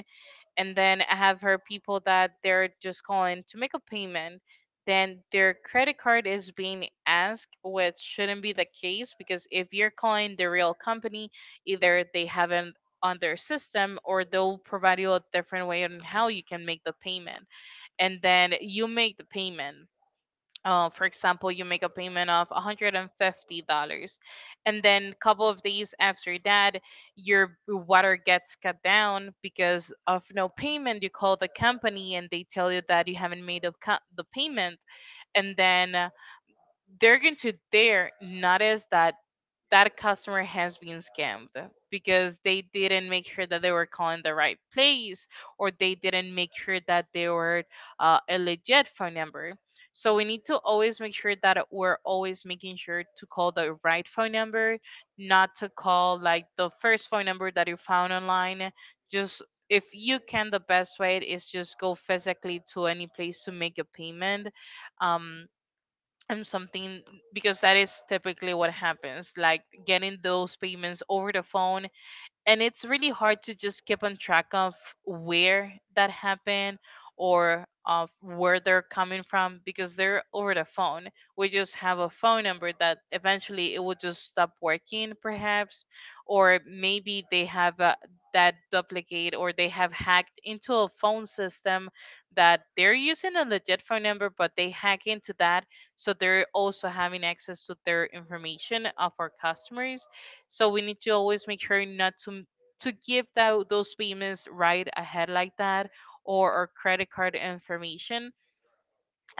Speaker 1: and then I have heard people that they're just calling to make a payment, then their credit card is being asked, which shouldn't be the case, because if you're calling the real company, either they haven't on their system or they'll provide you a different way on how you can make the payment, and then you make the payment. Uh, for example, you make a payment of one hundred fifty dollars and then a couple of days after that, your water gets cut down because of no payment. You call the company and they tell you that you haven't made a co- the payment, and then uh, they're going to there notice that that customer has been scammed because they didn't make sure that they were calling the right place, or they didn't make sure that they were uh, a legit phone number. So we need to always make sure that we're always making sure to call the right phone number, not to call like the first phone number that you found online. Just, if you can, the best way is just go physically to any place to make a payment. Um, and something, because that is typically what happens, like getting those payments over the phone, and it's really hard to just keep on track of where that happened or of where they're coming from, because they're over the phone. We just have a phone number that eventually it will just stop working, perhaps, or maybe they have uh, that duplicate, or they have hacked into a phone system that they're using a legit phone number, but they hack into that, so they're also having access to their information of our customers. So we need to always make sure not to m- to give that those payments right ahead like that, or our credit card information.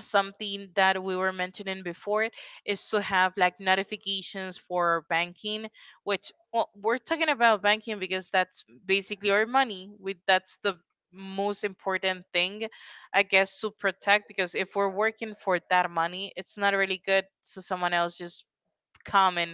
Speaker 1: Something that we were mentioning before is to have like notifications for banking, which, well, we're talking about banking because that's basically our money. We That's the most important thing, I guess, to protect, because if we're working for that money, it's not really good to someone else just come and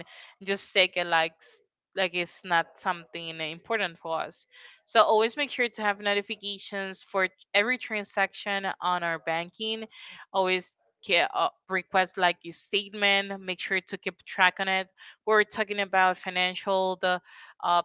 Speaker 1: just take it like s- like it's not something important for us. So always make sure to have notifications for every transaction on our banking. Always ca- uh, request like a statement. Make sure to keep track on it. We're talking about financial the uh,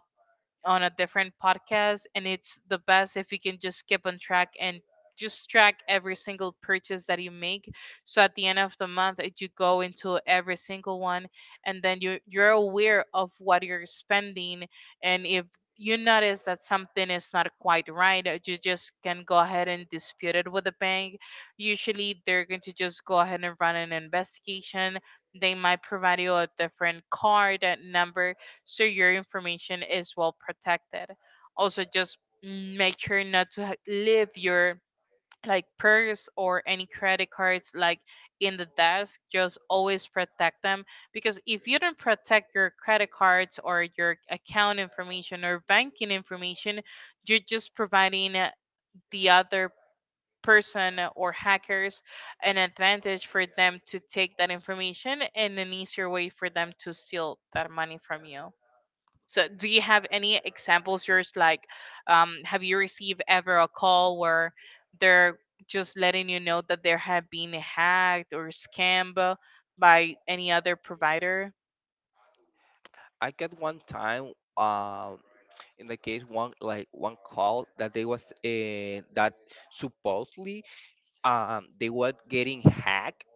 Speaker 1: on a different podcast, and it's the best if you can just keep on track and just track every single purchase that you make, so at the end of the month it- you go into every single one, and then you you're aware of what you're spending. And if you notice that something is not quite right, uh, you just can go ahead and dispute it with the bank. Usually they're going to just go ahead and run an investigation. They might provide you a different card uh, number, so your information is well protected. Also, just make sure not to ha- leave your like purse or any credit cards like in the desk. Just always protect them, because if you don't protect your credit cards or your account information or banking information, you're just providing uh, the other person or hackers an advantage for them to take that information and an easier way for them to steal that money from you. So, do you have any examples, Yours? Like, um, have you received ever a call where they're just letting you know that they have been hacked or scammed by any other provider?
Speaker 2: I got one time. Um, in the case one like one call that they was uh, that supposedly um they were getting hacked,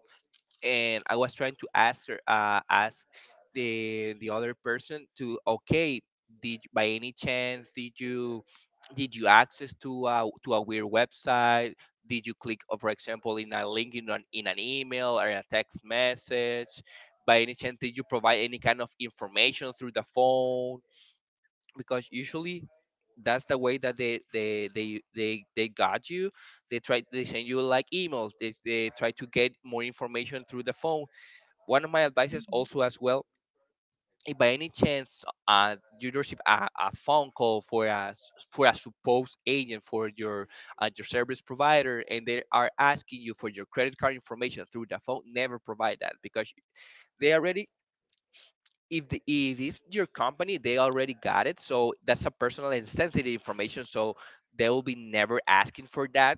Speaker 2: and I was trying to ask her uh ask the the other person to, okay, did by any chance did you did you access to a, to a weird website, did you click uh, for example in a link in an, in an email or a text message, by any chance did you provide any kind of information through the phone? Because usually that's the way that they they they they, they got you. They try, they send you like emails, they, they try to get more information through the phone. One of my advices also as well, if by any chance uh, you receive a, a phone call for a s- for a supposed agent for your uh, your service provider, and they are asking you for your credit card information through the phone, never provide that, because they already, if the if it's your company they already got it. So that's a personal and sensitive information, so they will be never asking for that.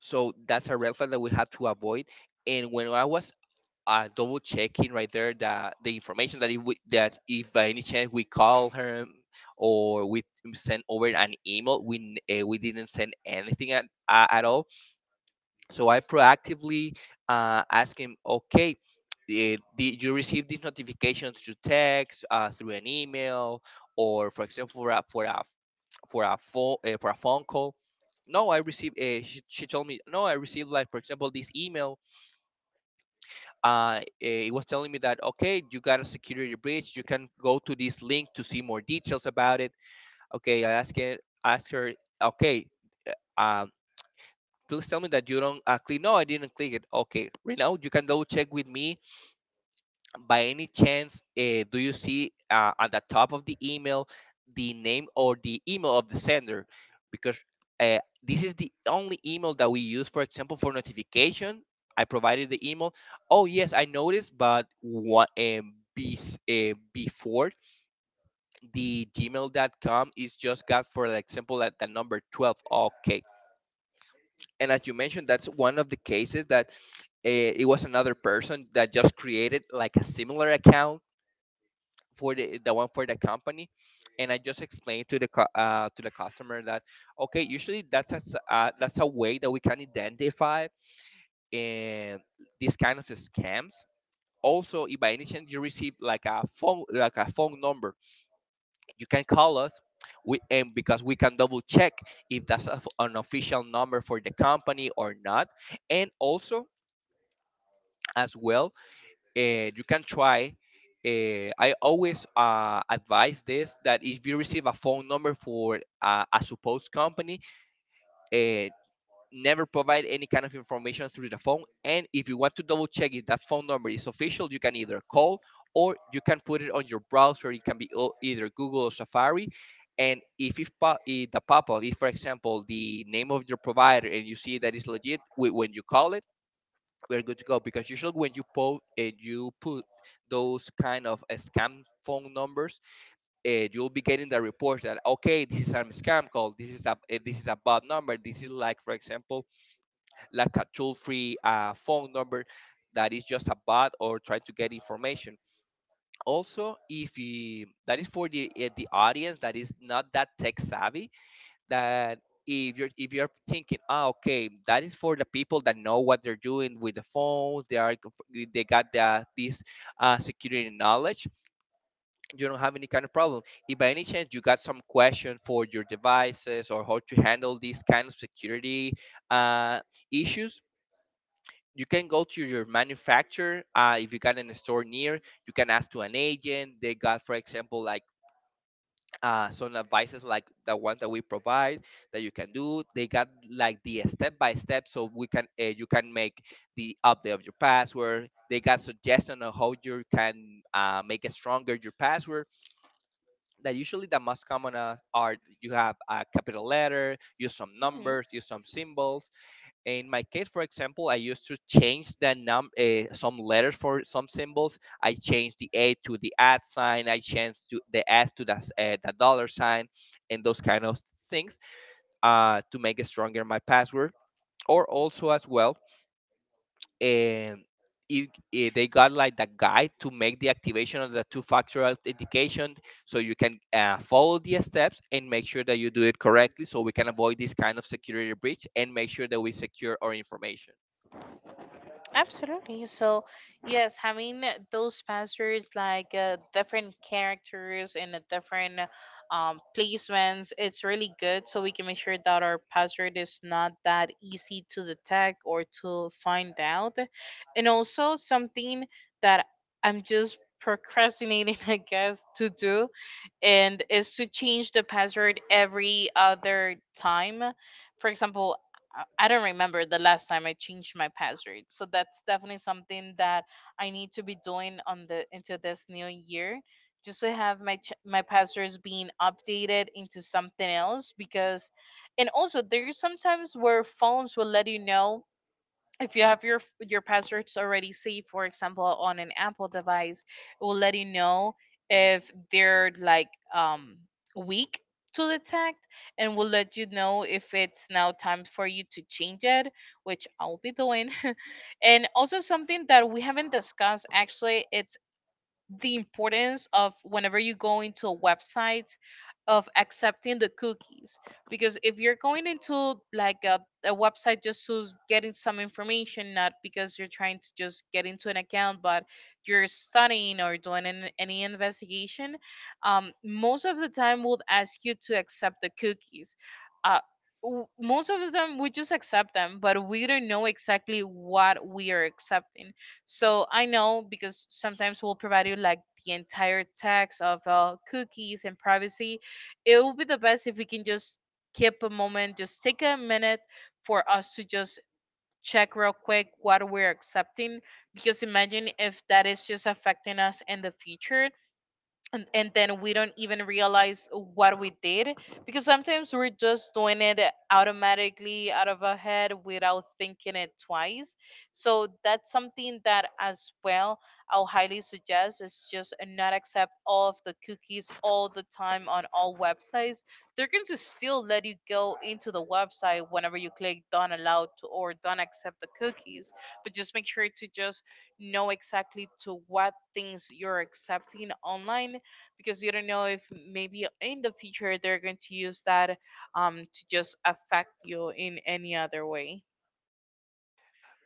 Speaker 2: So that's a red flag that we have to avoid. And when I was uh, double checking right there the the information that if we, that if by any chance we call her or we send over an email, we n- eh, we didn't send anything at, uh, at all. So I proactively uh, ask him, okay, eh, did you receive these notifications through text, uh, through an email, or for example, for a for a for a phone uh, for a phone call? No, I received. Uh, she, she told me, no, I received like for example this email. Uh, eh, it was telling me that, okay, you got a security breach. You can go to this link to see more details about it. Okay, I asked her, ask her, okay. uh, Please tell me that you don't uh, click. No, I didn't click it. Okay, right now you can double check with me. By any chance, uh, do you see uh, at the top of the email the name or the email of the sender? Because uh, this is the only email that we use, for example, for notification. I provided the email. Oh yes, I noticed, but what um, be, uh, before the gmail dot com is just got for, like, example at the number twelve. Okay, and as you mentioned, that's one of the cases that eh, it was another person that just created like a similar account for the, the one for the company. And I just explained to the cu- uh, to the customer that, okay, usually that's a, s- uh, that's a way that we can identify in these kind of scams. Also, if by any chance you receive like a phone like a phone number, you can call us, we, and because we can double check if that's a f an official number for the company or not. And also as well uh, you can try. Uh, I always uh, advise this that if you receive a phone number for uh, a supposed company, uh, never provide any kind of information through the phone. And if you want to double check if that phone number is official, you can either call or you can put it on your browser. It can be o- either Google or Safari. And if, if, po- if the pop up, if for example the name of your provider and you see that it's legit, wh- when you call it, we're good to go. Because usually when you put and you put those kind of uh, scam phone numbers, uh, you'll be getting the report that, okay, this is a scam call, this is a eh, this is a bad number, this is like for example like a toll free uh, phone number that is just a bot or trying to get information. Also, if you, that is for the eh, the audience that is not that tech savvy, that if you're if you're thinking, ah, okay, that is for the people that know what they're doing with the phones, they are, they got the, this uh, security knowledge, you don't have any kind of problem. If by any chance you got some question for your devices or how to handle these kind of security uh, issues, you can go to your manufacturer. Uh, if you got in a store near, you can ask to an agent. They got for example like uh, some advices like the ones that we provide that you can do. They got like the step by step, so we can uh, you can make the update of your password. They got suggestion on how you can uh, make it stronger your password. That usually the most common uh, are you have a capital letter, use some numbers, use some symbols. In my case for example I used to change the num uh, some letters for some symbols. I changed the A to the at sign, I changed to the S to the, s- uh, the dollar sign and those kind of things uh, to make it stronger my password, or also as well. And if, if they got like the guide to make the activation of the two-factor authentication, so you can uh, follow the steps and make sure that you do it correctly so we can avoid this kind of security breach and make sure that we secure our information.
Speaker 1: Absolutely. So, yes, having those passwords like uh, different characters and a different um, placements, it's really good. So we can make sure that our password is not that easy to detect or to find out. And also something that I'm just procrastinating, <laughs> I guess, to do, and is to change the password every other time. For example, I I don't remember the last time I changed my password. So that's definitely something that I need to be doing on the into this new year, just to have my ch- my passwords being updated into something else. Because, and also there's sometimes where phones will let you know if you have your your passwords already saved. For example, on an Apple device, it will let you know if they're like um weak to detect, and will let you know if it's now time for you to change it, which I'll be doing. And also something that we haven't discussed actually, it's the importance of whenever you go into a website of accepting the cookies. Because if you're going into like a, a website just to s- getting some information, not because you're trying to just get into an account, but you're studying or doing an, any investigation, um, most of the time would ask you to accept the cookies. uh, w- Most of them we just accept them, but we don't know exactly what we are accepting. So I know, because sometimes we'll provide you like the entire text of uh, cookies and privacy. It would be the best if we can just keep a moment, just take a minute for us to just check real quick what we're accepting. Because imagine if that is just affecting us in the future, and, and then we don't even realize what we did, because sometimes we're just doing it automatically out of our head without thinking it twice. So that's something that, as well, I'll highly suggest, is just not accept all of the cookies all the time on all websites. They're going to still let you go into the website whenever you click don't allow to, or don't accept the cookies. But just make sure to just know exactly to what things you're accepting online, because you don't know if maybe in the future they're going to use that um, to just affect you in any other way.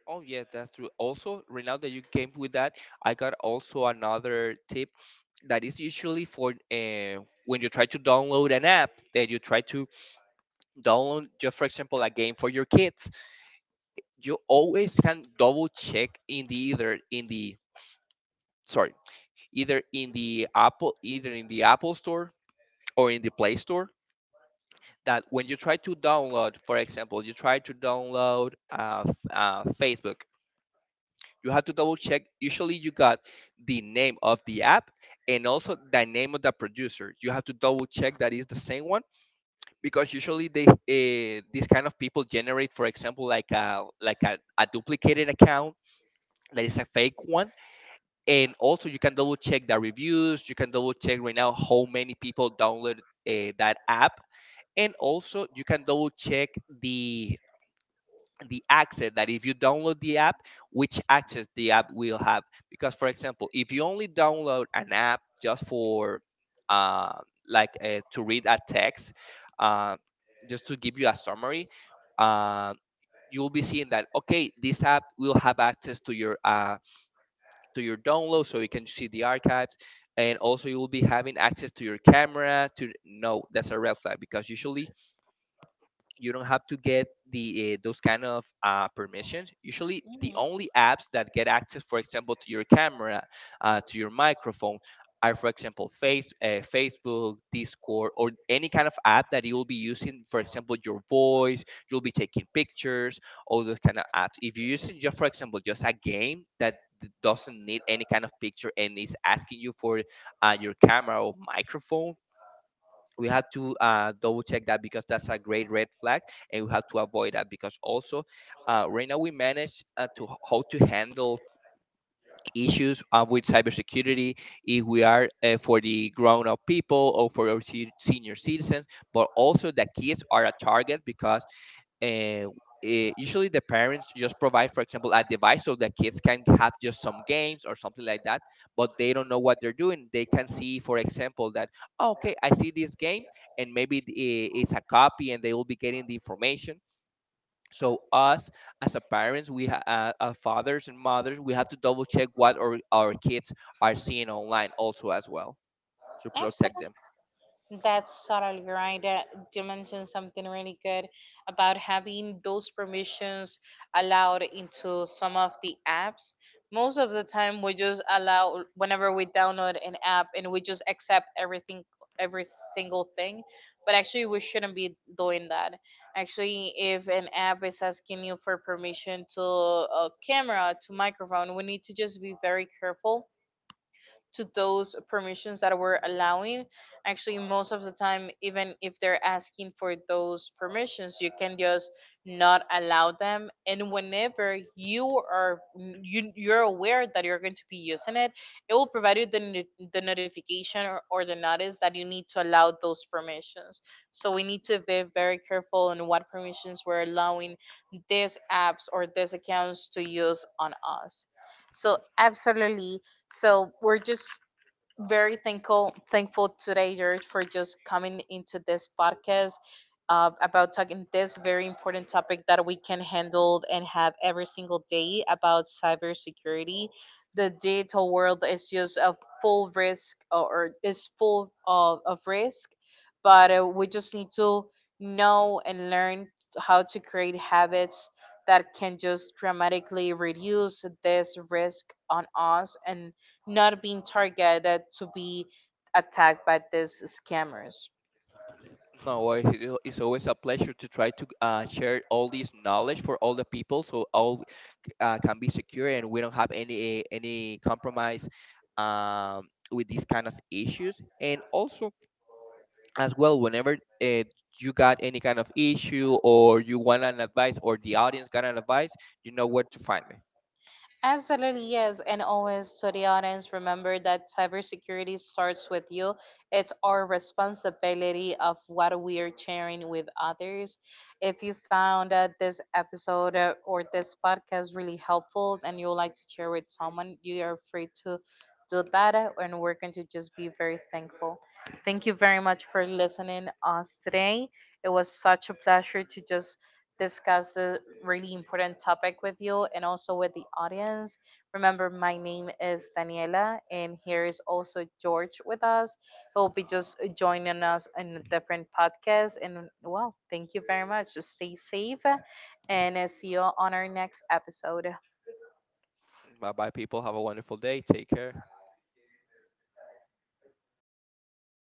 Speaker 2: Oh yeah, that's true. Also, right now that you came with that, I got also another tip that is usually for uh, when you try to download an app that you try to download, just for example, a game for your kids. You always can double check in the either in the sorry, either in the Apple either in the Apple Store or in the Play Store, that when you try to download, for example, you try to download uh, f- uh, Facebook, you have to double check. Usually, you got the name of the app and also the name of the producer. You have to double check that is the same one, because usually they uh, these kind of people generate, for example, like a like a, a duplicated account that is a fake one. And also you can double check the reviews, you can double check right now how many people download uh, that app. And also you can double check the the access that if you download the app, which access the app will have. Because, for example, if you only download an app just for uh, like uh, to read a text, uh, just to give you a summary, uh, you will be seeing that okay, this app will have access to your uh, to your download, so you can see the archives. And also, you will be having access to your camera. To, no, that's a red flag because usually you don't have to get the uh, those kind of uh, permissions. Usually, the
Speaker 1: Hmm.
Speaker 2: only apps that get access, for example, to your camera, uh, to your microphone, are, for example, face uh, Facebook, Discord, or any kind of app that you will be using. For example, your voice, you'll be taking pictures, all those kind of apps. If you're using just, for example, just a game that d- doesn't need any kind of picture and is asking you for uh, your camera or microphone, we have to uh, double check that because that's a great red flag and we have to avoid that. Because also uh, right now we manage uh, to h- how to handle issues uh, with cybersecurity, if we are uh, for the grown-up people or for our se- senior citizens. But also the kids are a target because uh, eh, usually the parents just provide for example a device so the kids can have just some games or something like that, but they don't know what they're doing. They can see for example that "Oh, okay, I see this game and maybe it- eh, it's a copy," and they will be getting the information. So us as a parents we ha- uh, uh, fathers and mothers, we have to double check what our, our kids are seeing online, also as well, to protect
Speaker 1: Absolutely.
Speaker 2: them.
Speaker 1: That's totally right. That you mentioned something really good about having those permissions allowed into some of the apps. Most of the time, we just allow whenever we download an app and we just accept everything, every single thing. But actually, we shouldn't be doing that. Actually, if an app is asking you for permission to a camera, to microphone, we need to just be very careful to those permissions that we're allowing. Actually, most of the time, even if they're asking for those permissions, you can just not allow them. And whenever you are you you're aware that you're going to be using it, it will provide you the no- the notification, or, or the notice that you need to allow those permissions. So we need to be very careful in what permissions we're allowing these apps or these accounts to use on us. So absolutely, so we're just very thankful thankful today, George, for just coming into this podcast uh, about talking this very important topic that we can handle and have every single day about cybersecurity. The digital world is just a full risk, or, or is full of, of risk, but uh, we just need to know and learn how to create habits that can just dramatically reduce this risk on us, and not being targeted to be attacked by these scammers.
Speaker 2: No, uh, it- it's always a pleasure to try to uh, share all this knowledge for all the people, so all uh, can be secure and we don't have any any compromise um, with these kind of issues. And also, as well, whenever uh, you got any kind of issue or you want an advice, or the audience got an advice, you know where to find me.
Speaker 1: Absolutely, yes. And always to the audience, remember that cybersecurity starts with you. It's our responsibility of what we are sharing with others. If you found that this episode uh, or this podcast really helpful and you would like to share with someone, you are free to do that. uh, And we're going to just be very thankful. Thank you very much for listening us today. It was such a pleasure to just discuss the really important topic with you and also with the audience. Remember, my name is Daniela, and here is also George with us. He'll be just joining us in a different podcast. And, well, thank you very much. Just stay safe and uh, see you on our next episode.
Speaker 2: Bye bye, people. Have a wonderful day. Take care.